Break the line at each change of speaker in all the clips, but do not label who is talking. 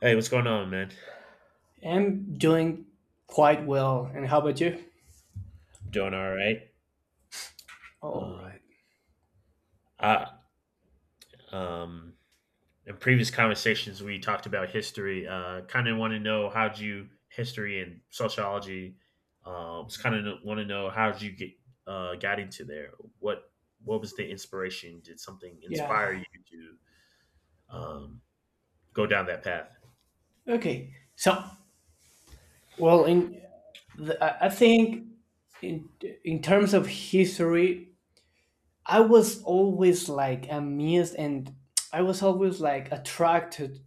Hey, what's going on, man?
I'm doing quite well. And how about you?
I'm doing all right.
All
Um,
right.
I, um, in previous conversations, we talked about history. Kind of want to know how'd you history and sociology. Just kind of want to know how'd you get got into there. What what was the inspiration? Did something
Yeah.
inspire you to um, go down that path?
Okay. So, well, I think in in terms of history, I was always like amused, and I was always like attracted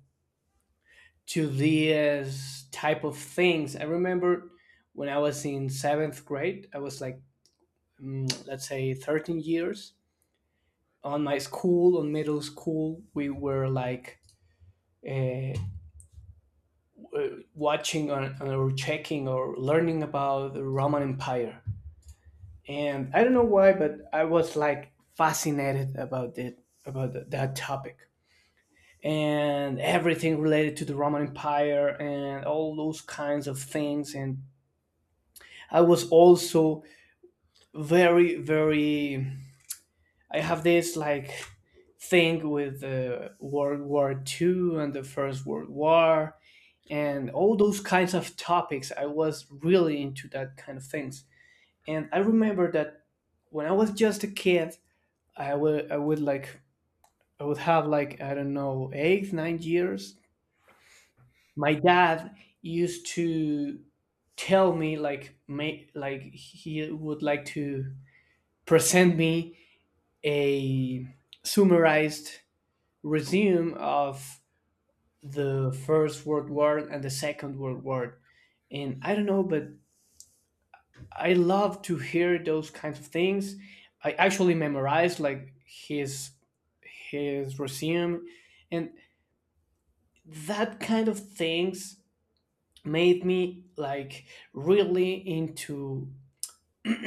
to these type of things. I remember when I was in seventh grade, I was like, let's say, 13 years on my school, on middle school, we were like. uh, uh, watching on, or checking or learning about the Roman Empire. And I don't know why, but I was like fascinated about it, about that topic and everything related to the Roman Empire and all those kinds of things. And I was also very, very, I have this like thing with the World War Two and the First World War and all those kinds of topics. I was really into that kind of things. And I remember that when I was just a kid, I would I would like I would have like I don't know 8 9 years. My dad used to tell me like make like he would like to present me a summarized resume of the first world war and the second world war and I don't know but I love to hear those kinds of things. I actually memorized like his Roseum, and that kind of things made me like really into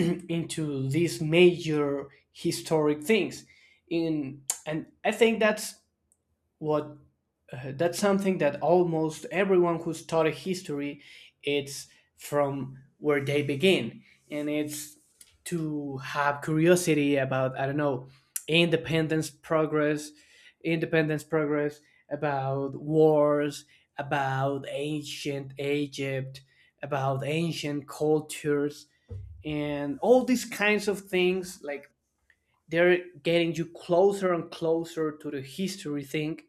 into these major historic things. In and I think that's what that's something that almost everyone who study history it's from where they begin, and it's to have curiosity about I don't know independence progress independence progress about wars, about ancient Egypt, about ancient cultures, and all these kinds of things like they're getting you closer and closer to the history thing.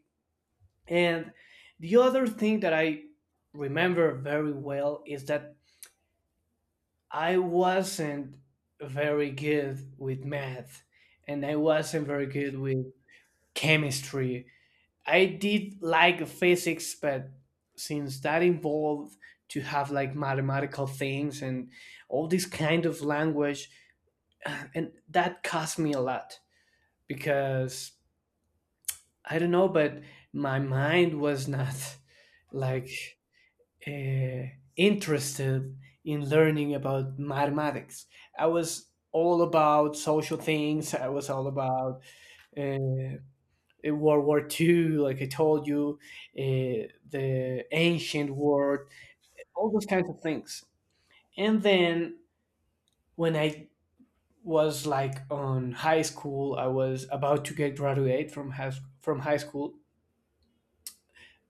And the other thing that I remember very well is that I wasn't very good with math, and I wasn't very good with chemistry. I did like physics, but since that involved to have like mathematical things and all this kind of language, and that cost me a lot because I don't know, but my mind was not like uh, interested in learning about mathematics. I was all about social things. I was all about uh, World War Two, like I told you, the ancient world, all those kinds of things. And then when I was like on high school, I was about to get graduate from from high school.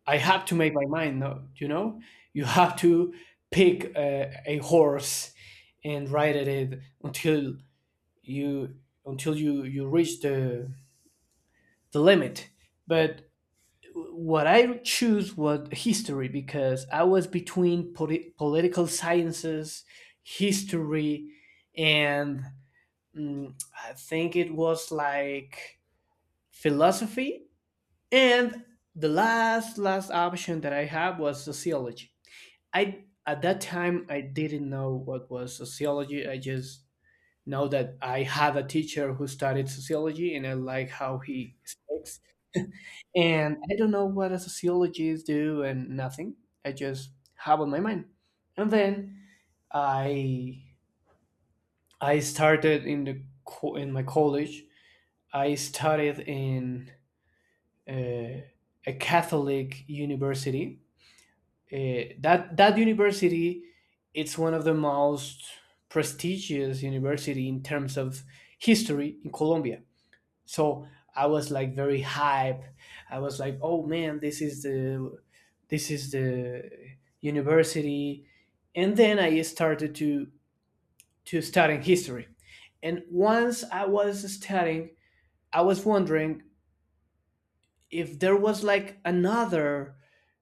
I have to make my mind. No, you know, you have to pick a horse and ride at it until you you reach the limit. But what I choose was history because I was between political sciences, history, and mm, I think it was like philosophy. And the last option that I had was sociology. I at that time I didn't know what was sociology. I just know that I had a teacher who studied sociology, and I like how he speaks. And I don't know what a sociologist do and nothing. I just have on my mind. And then I I started in my college. I studied in uh, a Catholic university. That university, it's one of the most prestigious university in terms of history in Colombia. So I was like very hype. I was like, oh man, this is the university. And then I started to studying history. And once I was studying, I was wondering if there was like another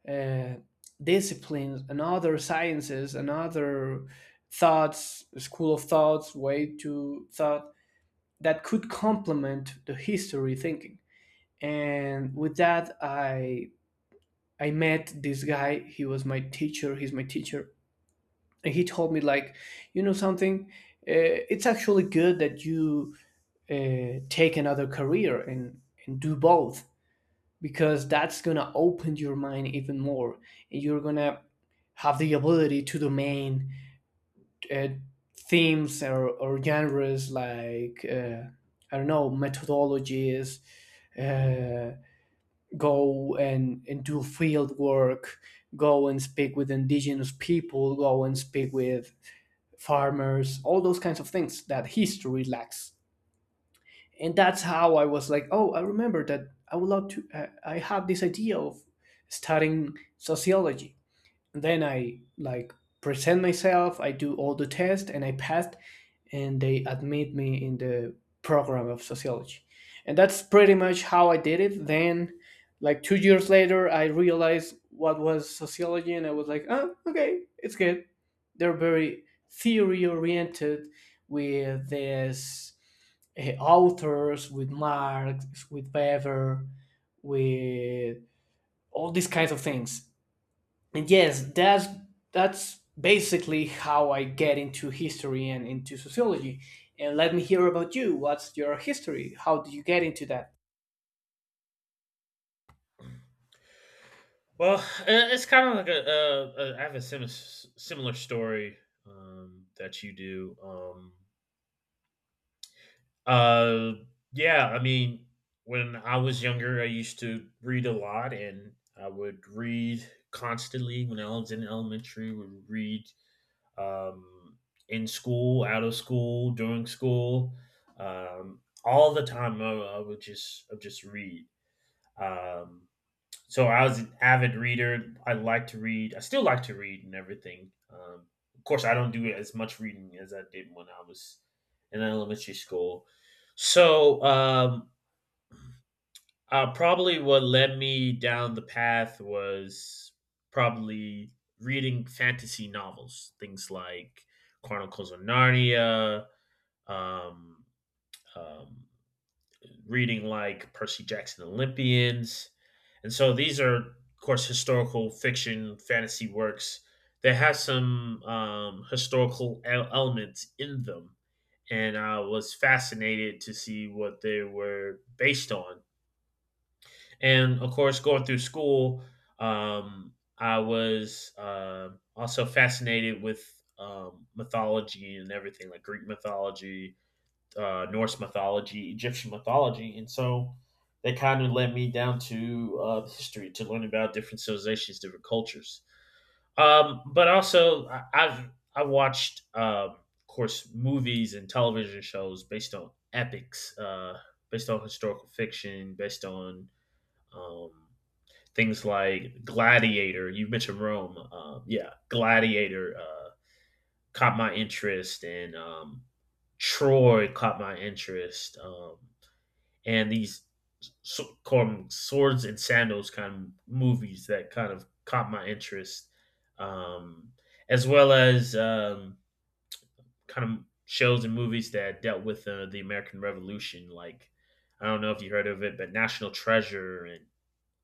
uh, disciplines, another sciences, another thoughts, school of thoughts, way to thought that could complement the history thinking. And with that, I met this guy. He was my teacher. He's my teacher, and he told me like, you know something, it's actually good that you take another career and do both because that's gonna open your mind even more and you're gonna have the ability to domain uh, themes or genres like I don't know methodologies, uh, go and do field work, go and speak with indigenous people, go and speak with farmers, all those kinds of things that history lacks. And that's how I was like, oh, I remember that I would love to. I have this idea of studying sociology. And then I like present myself. I do all the tests, and I passed and they admit me in the program of sociology. And that's pretty much how I did it. Then, like 2 years later, I realized what was sociology, and I was like, oh, okay, it's good. They're very theory oriented with this authors, with Marx, with Weber, with all these kinds of things. And yes, that's basically how I get into history and into sociology. And let me hear about you. What's your history? How do you get into that?
Well, it's kind of like a I have a similar story that you do. Uh, yeah, I mean, when I was younger, I used to read a lot, and I would read constantly. When I was in elementary, would read um, in school, out of school, during school, all the time. I would just, I would just read. Um, so I was an avid reader. I like to read. I still like to read and everything. Of course, I don't do as much reading as I did when I was in elementary school. So probably what led me down the path was probably reading fantasy novels, things like Chronicles of Narnia, um, um, reading like Percy Jackson Olympians. And so these are, of course, historical fiction, fantasy works that have some historical elements in them. And I was fascinated to see what they were based on. And of course, going through school, um, I was also fascinated with mythology and everything like Greek mythology, Norse mythology, Egyptian mythology, and so that kind of led me down to history to learn about different civilizations, different cultures. But also, I watched, of course, movies and television shows based on epics, based on historical fiction, based on um, things like Gladiator. You mentioned Rome, yeah, Gladiator caught my interest, and Troy caught my interest. And these so, call 'em swords and sandals kind of movies that kind of caught my interest, um, as well as kind of shows and movies that dealt with the American Revolution. Like I don't know if you heard of it, but National Treasure and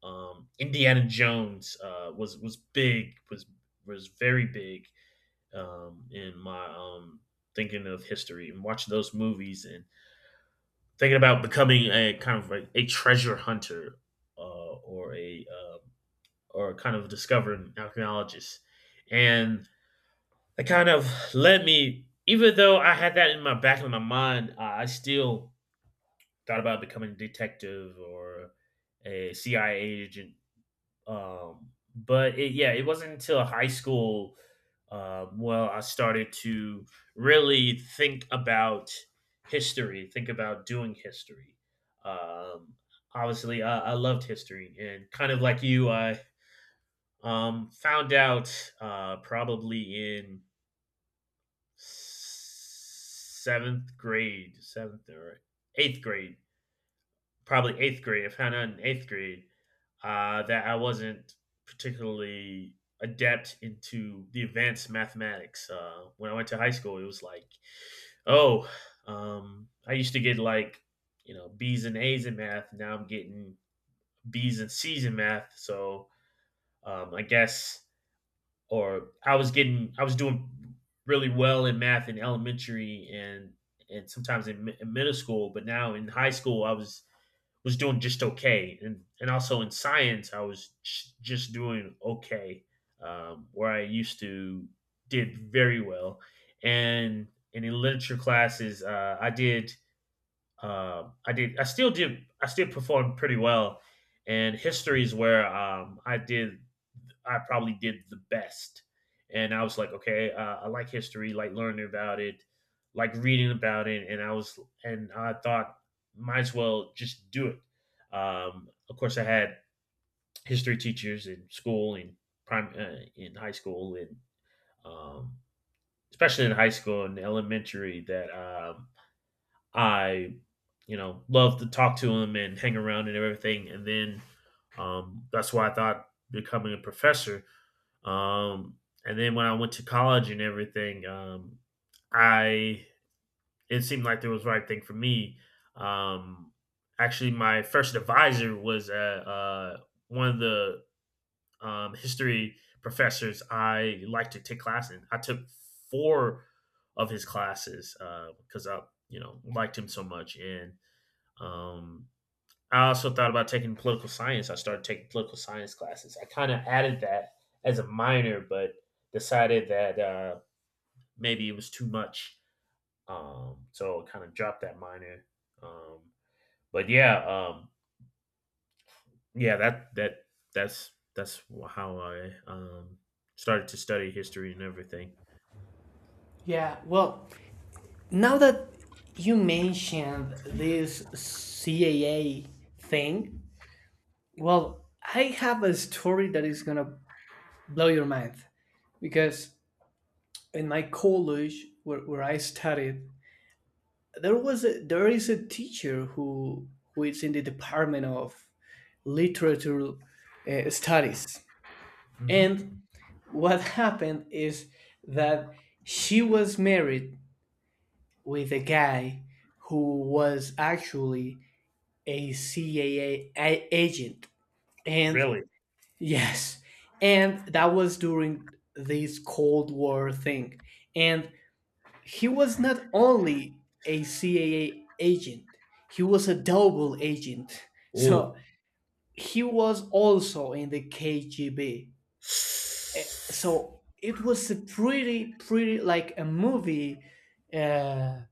Indiana Jones was very big in my thinking of history and watching those movies and thinking about becoming a kind of like a treasure hunter uh, or a uh, or kind of discovering archaeologist, and that kind of led me. Even though I had that in my back of my mind, I still thought about becoming a detective or a CIA agent but yeah, it wasn't until high school. Well, I started to really think about history, think about doing history. Um, Obviously, I loved history, and kind of like you, I found out probably in seventh grade, seventh or eighth grade, probably eighth grade. I found out in eighth grade that I wasn't particularly adept into the advanced mathematics. When I went to high school, it was like, oh, I used to get like, you know, B's and A's in math. Now I'm getting B's and C's in math. So I guess, or I was getting, I was doing really well in math in elementary and sometimes in middle school, but now in high school, I was doing just okay, and also in science I was just doing okay, where I used to did very well, and and in literature classes I did I did I still performed pretty well, and history is where I probably did the best. And I was like, okay, I like history, like learning about it, like reading about it. And I was, and I thought, might as well just do it. Of course, I had history teachers in school and prime in high school and um, especially in high school and elementary that I, you know, loved to talk to them and hang around and everything. And then that's why I thought becoming a professor um, and then when I went to college and everything, I it seemed like there was the right thing for me. Um, Actually, my first advisor was one of the history professors I liked to take class in. I took four of his classes because I, you know, liked him so much, and um, I also thought about taking political science. I started taking political science classes. I kind of added that as a minor, but decided that maybe it was too much. So I kind of dropped that minor. Um, but yeah, um, yeah, that that That's how I started to study history and everything.
Yeah. Well, now that you mentioned this CAA thing, well, I have a story that is gonna blow your mind because in my college where I studied there is a teacher who is in the department of literature studies.
Hmm.
And what happened is that she was married with a guy who was actually a CAA agent. And
Really?
yes, and that was during this Cold War thing. And he was not only a CAA agent, he was a double agent. So
Oh.
he was also in the KGB. Eh, so it was a pretty pretty like a movie uh,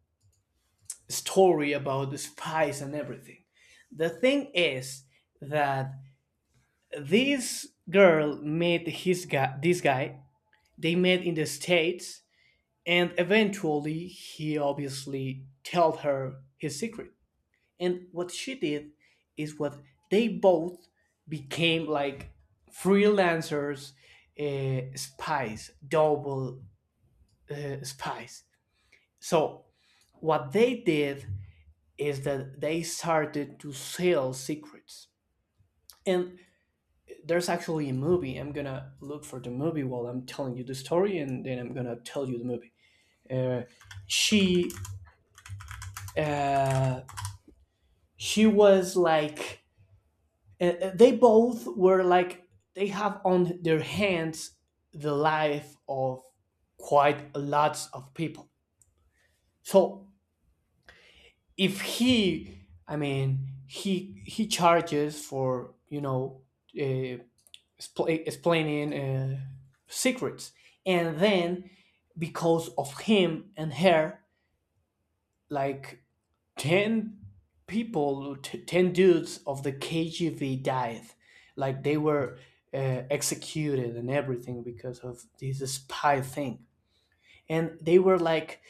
story about the spies and everything. The thing is that this girl met his guy. This guy, they met in the states, and eventually he obviously told her his secret. And what she did is what they both became like freelancers, spies, double spies. So what they did is that they started to sell secrets. And there's actually a movie. I'm gonna look for the movie while I'm telling you the story, and then I'm gonna tell you the movie. Uh, she uh, she was like, they both were like they have on their hands the life of quite lots of people. So if he, I mean, he charges for uh, explaining secrets, and then because of him and her like 10 people t- 10 dudes of the KGB died like they were executed and everything because of this spy thing. And they were like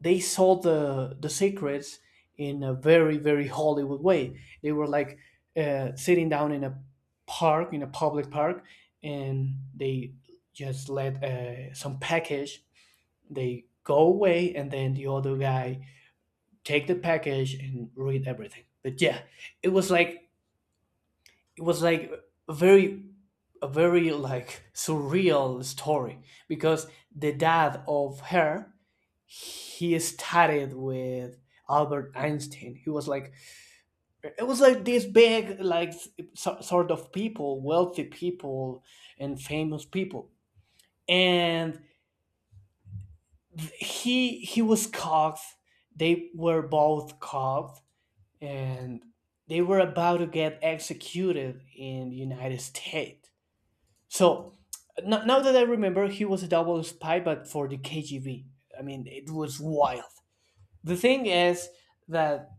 they sold the secrets in a very very Hollywood way. They were like sitting down in a park in a public park, and they just let some package. They go away, and then the other guy take the package and read everything. But yeah, it was like it was like a very a very like surreal story because the dad of her he studied with Albert Einstein. He was like it was like this big like sort of people, wealthy people, and famous people. And he was caught. They were both caught, and they were about to get executed in the United States. So now that I remember, he was a double spy, but for the KGB. I mean, it was wild. The thing is that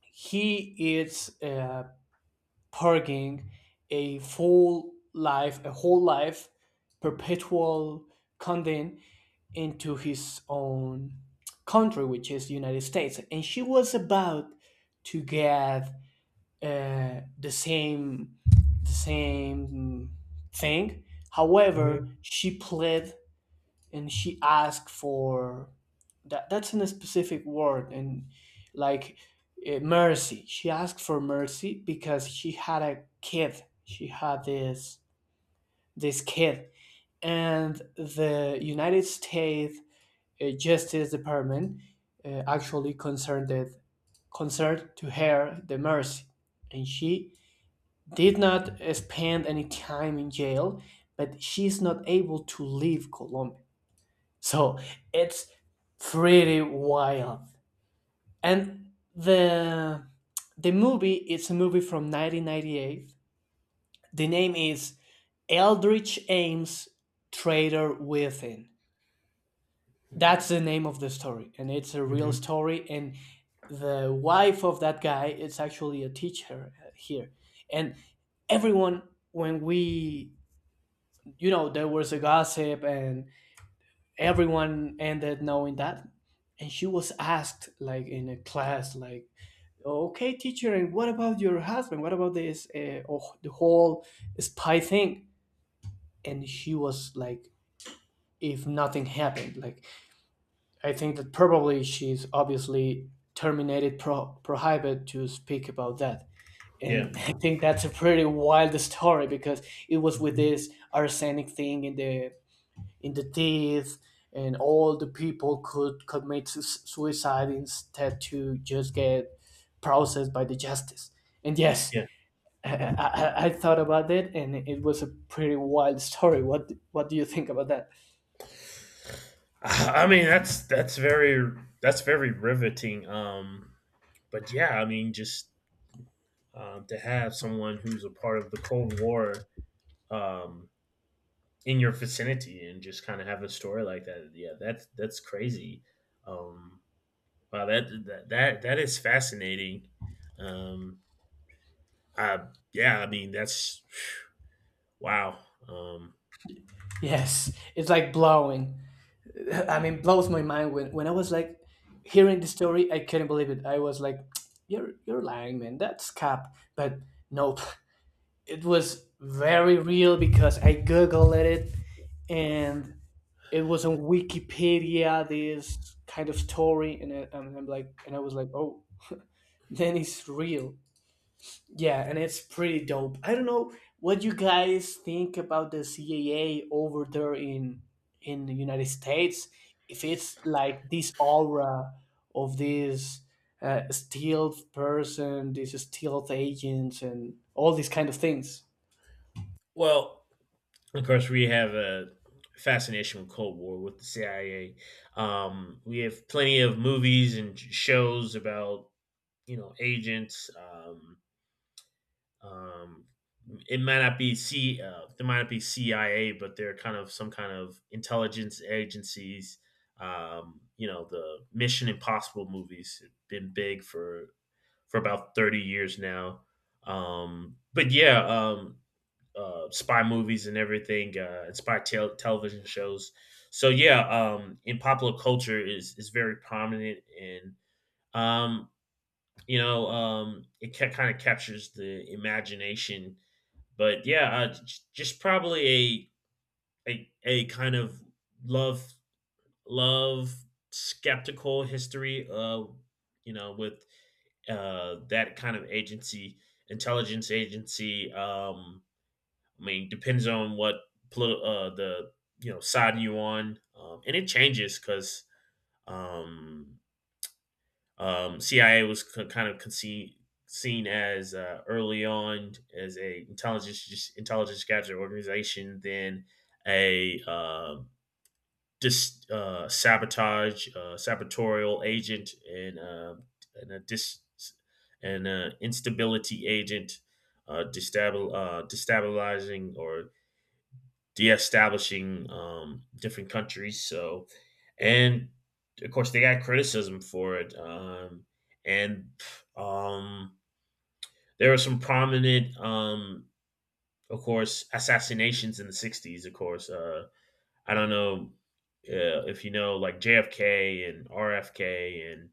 he is purging a full life, a whole life, perpetual condemn into his own country, which is the United States. And she was about to get uh, the same the same thing. However,
Hmm.
she pled and she asked for that. That's in a specific word and like mercy. She asked for mercy because she had a kid. She had this kid, and the United States Justice Department actually concerned to her the mercy, and she did not spend any time in jail, but she's not able to leave Colombia. So it's pretty wild. And the movie it's a movie from 1998. The name is Eldridge Ames Traitor Within. That's the name of the story, and it's a real
Hmm.
story. And the wife of that guy is actually a teacher here. And everyone, when we there was a gossip and everyone ended knowing that. And she was asked, like, in a class, like, okay teacher and what about your husband, what about this oh, the whole spy thing. And she was like, if nothing happened, like, I think that probably she's obviously terminated prohibited to speak about that.
Yeah.
And I think that's a pretty wild story because it was with
Hmm.
this arsenic thing in the teeth, and all the people could commit suicide instead to just get processed by the justice. And yes,
Yeah.
I thought about it and it was a pretty wild story. What do you think about that?
I mean, that's that's very riveting. But yeah, I mean, just to have someone who's a part of the Cold War um, in your vicinity and just kind of have a story like that, yeah, that's crazy. Um, wow, that is fascinating. Um, I, yeah, I mean, that's wow. Um,
Yes, it's like blowing, I mean, blows my mind. When I was like hearing the story, I couldn't believe it. I was like, you're lying man, that's cap. But nope, it was very real because I googled it, and it was on Wikipedia, this kind of story. And, and I'm like, and I was like, oh, then it's real. Yeah, and it's pretty dope. I don't know what you guys think about the CAA over there in the United States. If it's like this aura of this stealth person, these stealth agents, and all these kind of things.
well, of course, we have a fascination with Cold War with the CIA. We have plenty of movies and shows about you know agents. Um, it might not be CIA, but they're kind of some kind of intelligence agencies. You know, the Mission Impossible movies have been big for about 30 years now. Um, but yeah, um, Spy movies and everything, and spy television shows. So yeah, in popular culture is very prominent, and um, you know, it kind of captures the imagination. But yeah, j- just probably a kind of love love skeptical history. You know, with that kind of agency, intelligence agency. I mean, depends on what politi- the you know side you on, and it changes because um, CIA was kind of seen as early on as a intelligence just intelligence gathering organization, then a dis sabotage sabotorial agent and a dis and a instability agent, destabilizing or de-establishing different countries. So, and of course, they got criticism for it. And um, there were some prominent, of course, assassinations in the '60s. Of course, I don't know if you know, like JFK and RFK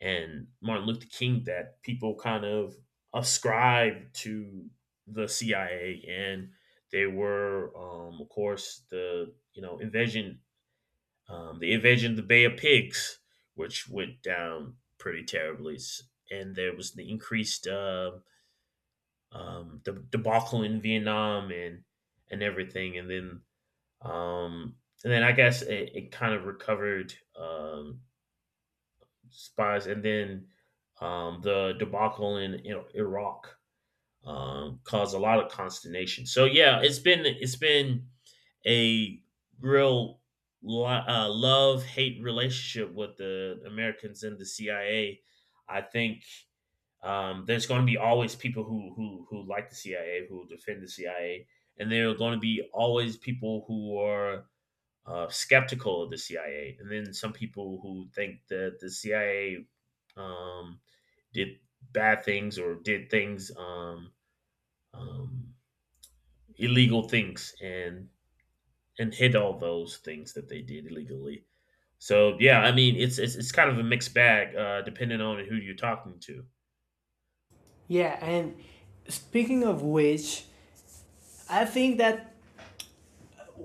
and Martin Luther King that people kind of ascribe to the CIA, and they were, of course, the you know invasion, the invasion of the Bay of Pigs, which went down pretty terribly, and there was the increased the debacle in Vietnam and everything, um, and then I guess it kind of recovered spies, and then the debacle in Iraq caused a lot of consternation. So yeah, it's been a real love hate relationship with the Americans and the CIA. I A. I think there's going to be always people who like the CIA, who defend the CIA, and there are going to be always people who are skeptical of the CIA, and then some people who think that the CIA um, did bad things or did things um, illegal things and hid all those things that they did illegally. So yeah, I mean it's it's kind of a mixed bag depending on who you're talking to.
Yeah, and speaking of which, I think that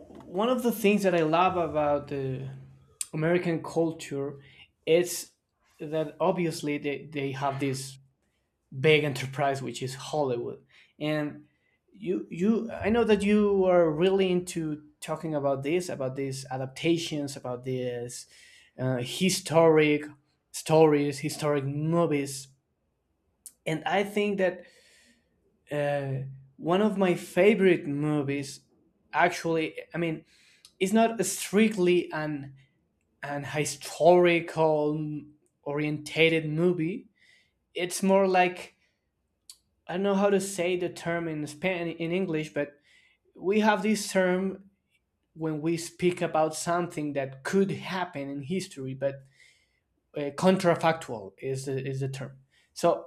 one of the things that I love about the American culture is that obviously they have this big enterprise which is Hollywood. And you, I know that you are really into talking about this, about these adaptations, about these historic stories, historic movies. And I think that uh, one of my favorite movies, actually, I mean, it's not strictly an historical orientated movie. It's more like, I don't know how to say the term in Spanish in English, but we have this term when we speak about something that could happen in history, but contrafactual is is the term. So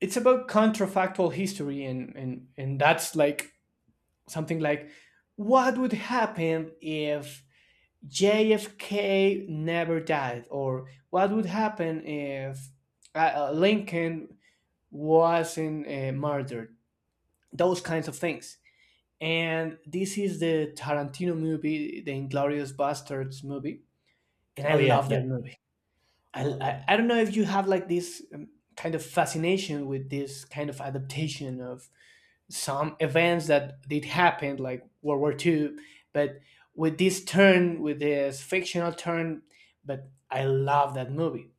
it's about contrafactual history, and, and that's like something like what would happen if JFK never died, or what would happen if Lincoln wasn't murdered? Those kinds of things. And this is the Tarantino movie, the Inglorious Bastards movie, and I
Oh yeah,
love that
yeah,
movie. I,
oh yeah,
I, I don't know if you have like this kind of fascination with this kind of adaptation of some events that did happen, like World War Two, but with this turn, with this fictional turn, but I love that movie.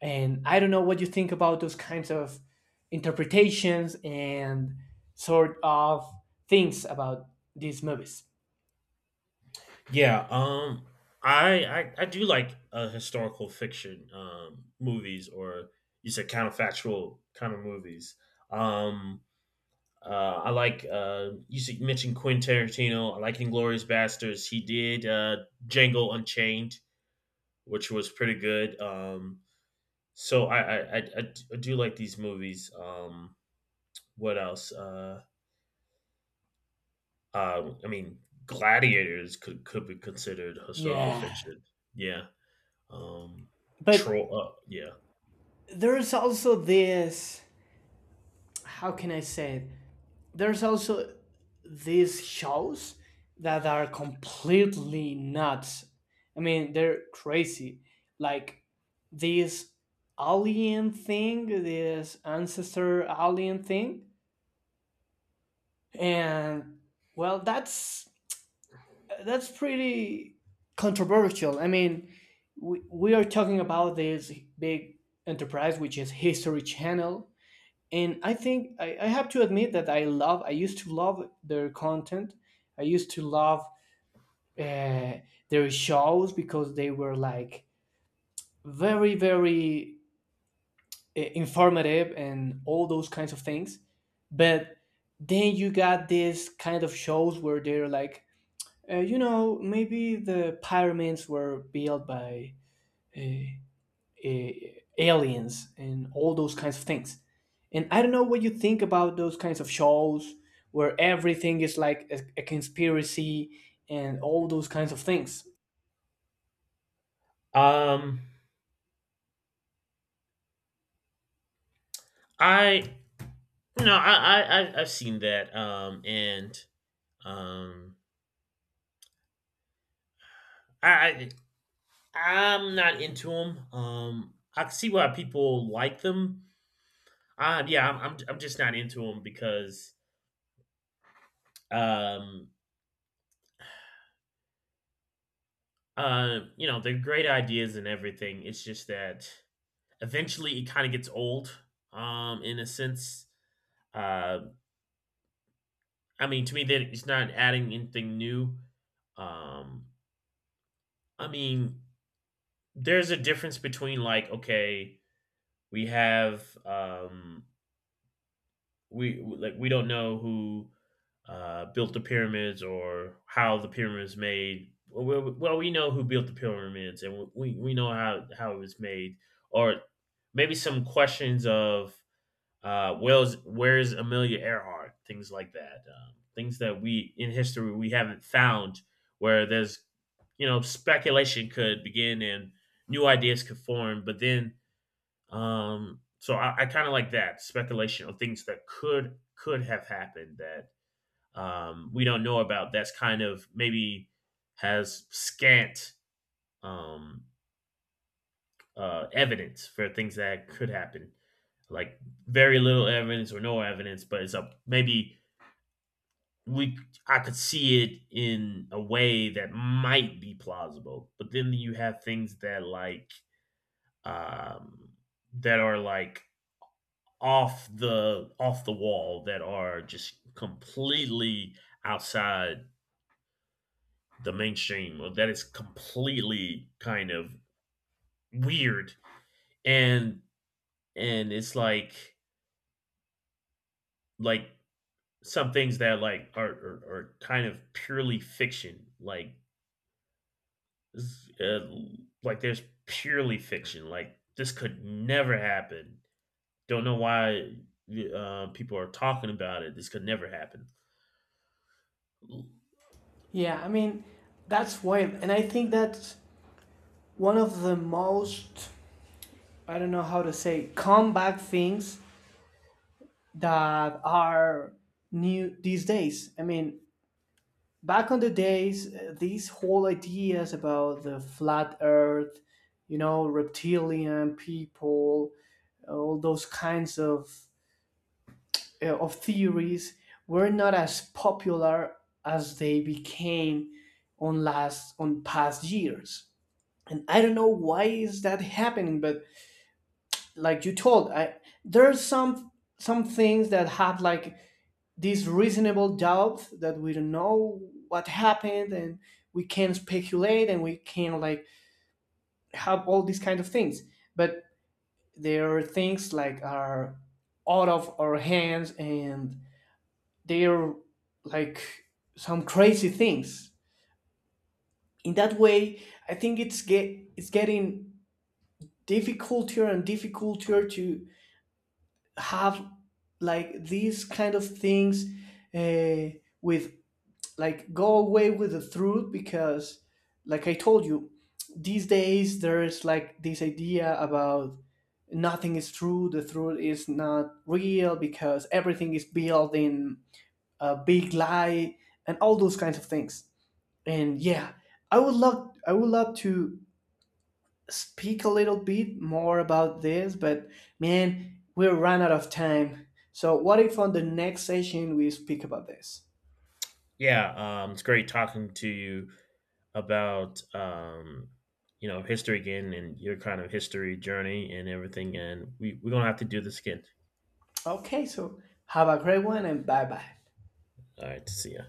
And I don't know what you think about those kinds of interpretations and sort of things about these movies.
yeah. I I do like historical fiction movies or you said counterfactual kind of movies. Um, I like mentioned Quentin Tarantino. I like Inglorious Bastards. He did Django Unchained, which was pretty good. I do like these movies. What else? I mean, Gladiators could be considered historical
Yeah.
fiction. Yeah. Um,
But
Troll. Yeah.
there's also this, how can I say it? There's also these shows that are completely nuts. I mean, they're crazy. Like this alien thing, this ancestor alien thing, and, well, that's pretty controversial. I mean, we are talking about this big enterprise, which is History Channel, and I think I have to admit that I used to love their content. I used to love uh, their shows because they were like very very informative and all those kinds of things. But then you got this kind of shows where they're like, you know, maybe the pyramids were built by uh, eh, aliens and all those kinds of things. And I don't know what you think about those kinds of shows where everything is like a conspiracy and all those kinds of things.
Um, I no, I I've seen that. And um, I I'm not into them. I can see why people like them. I'm just not into them because, um, you know, they're great ideas and everything. It's just that eventually it kind of gets old, in a sense. Uh, I mean, to me, that it's not adding anything new. Um, I mean, there's a difference between like, okay, we have, um, we like we don't know who built the pyramids or how the pyramids made. Well, well, we know who built the pyramids, and we know how it was made, or maybe some questions of where's Amelia Earhart, things like that, things that we in history we haven't found where there's you know speculation could begin and new ideas could form, but then so I kind of like that speculation of things that could have happened that we don't know about. That's kind of maybe has scant um, evidence for things that could happen, like very little evidence or no evidence. But it's a maybe we I could see it in a way that might be plausible. But then you have things that like um, that are like off the wall that are just completely outside the mainstream or that is completely kind of weird and and it's like some things that like are kind of purely fiction like s- uh, like there's purely fiction like this could never happen don't know why people are talking about it this could never happen.
Yeah, I mean, that's wild. And I think that's one of the most, I don't know how to say, comeback things that are new these days. I mean, back on the days, these whole ideas about the flat earth, you know, reptilian people, all those kinds of theories were not as popular as they became on last on past years. And I don't know why is that happening, but like you told, I there's some things that have like this reasonable doubt, that we don't know what happened, and we can speculate and we can like have all these kind of things. But there are things like are out of our hands, and they're like some crazy things. In that way, I think it's get it's getting difficulter and difficulter to have like these kind of things uh, with, like, go away with the truth. Because like I told you, these days there's like this idea about nothing is true, the truth is not real because everything is built in a big lie and all those kinds of things. And yeah, I would love to speak a little bit more about this, but man, we ran out of time. So what if on the next session we speak about this?
Yeah, um, it's great talking to you about you know history again and your kind of history journey and everything. And we we're gonna have to do this again.
Okay, so have a great one and bye bye.
All right, see ya.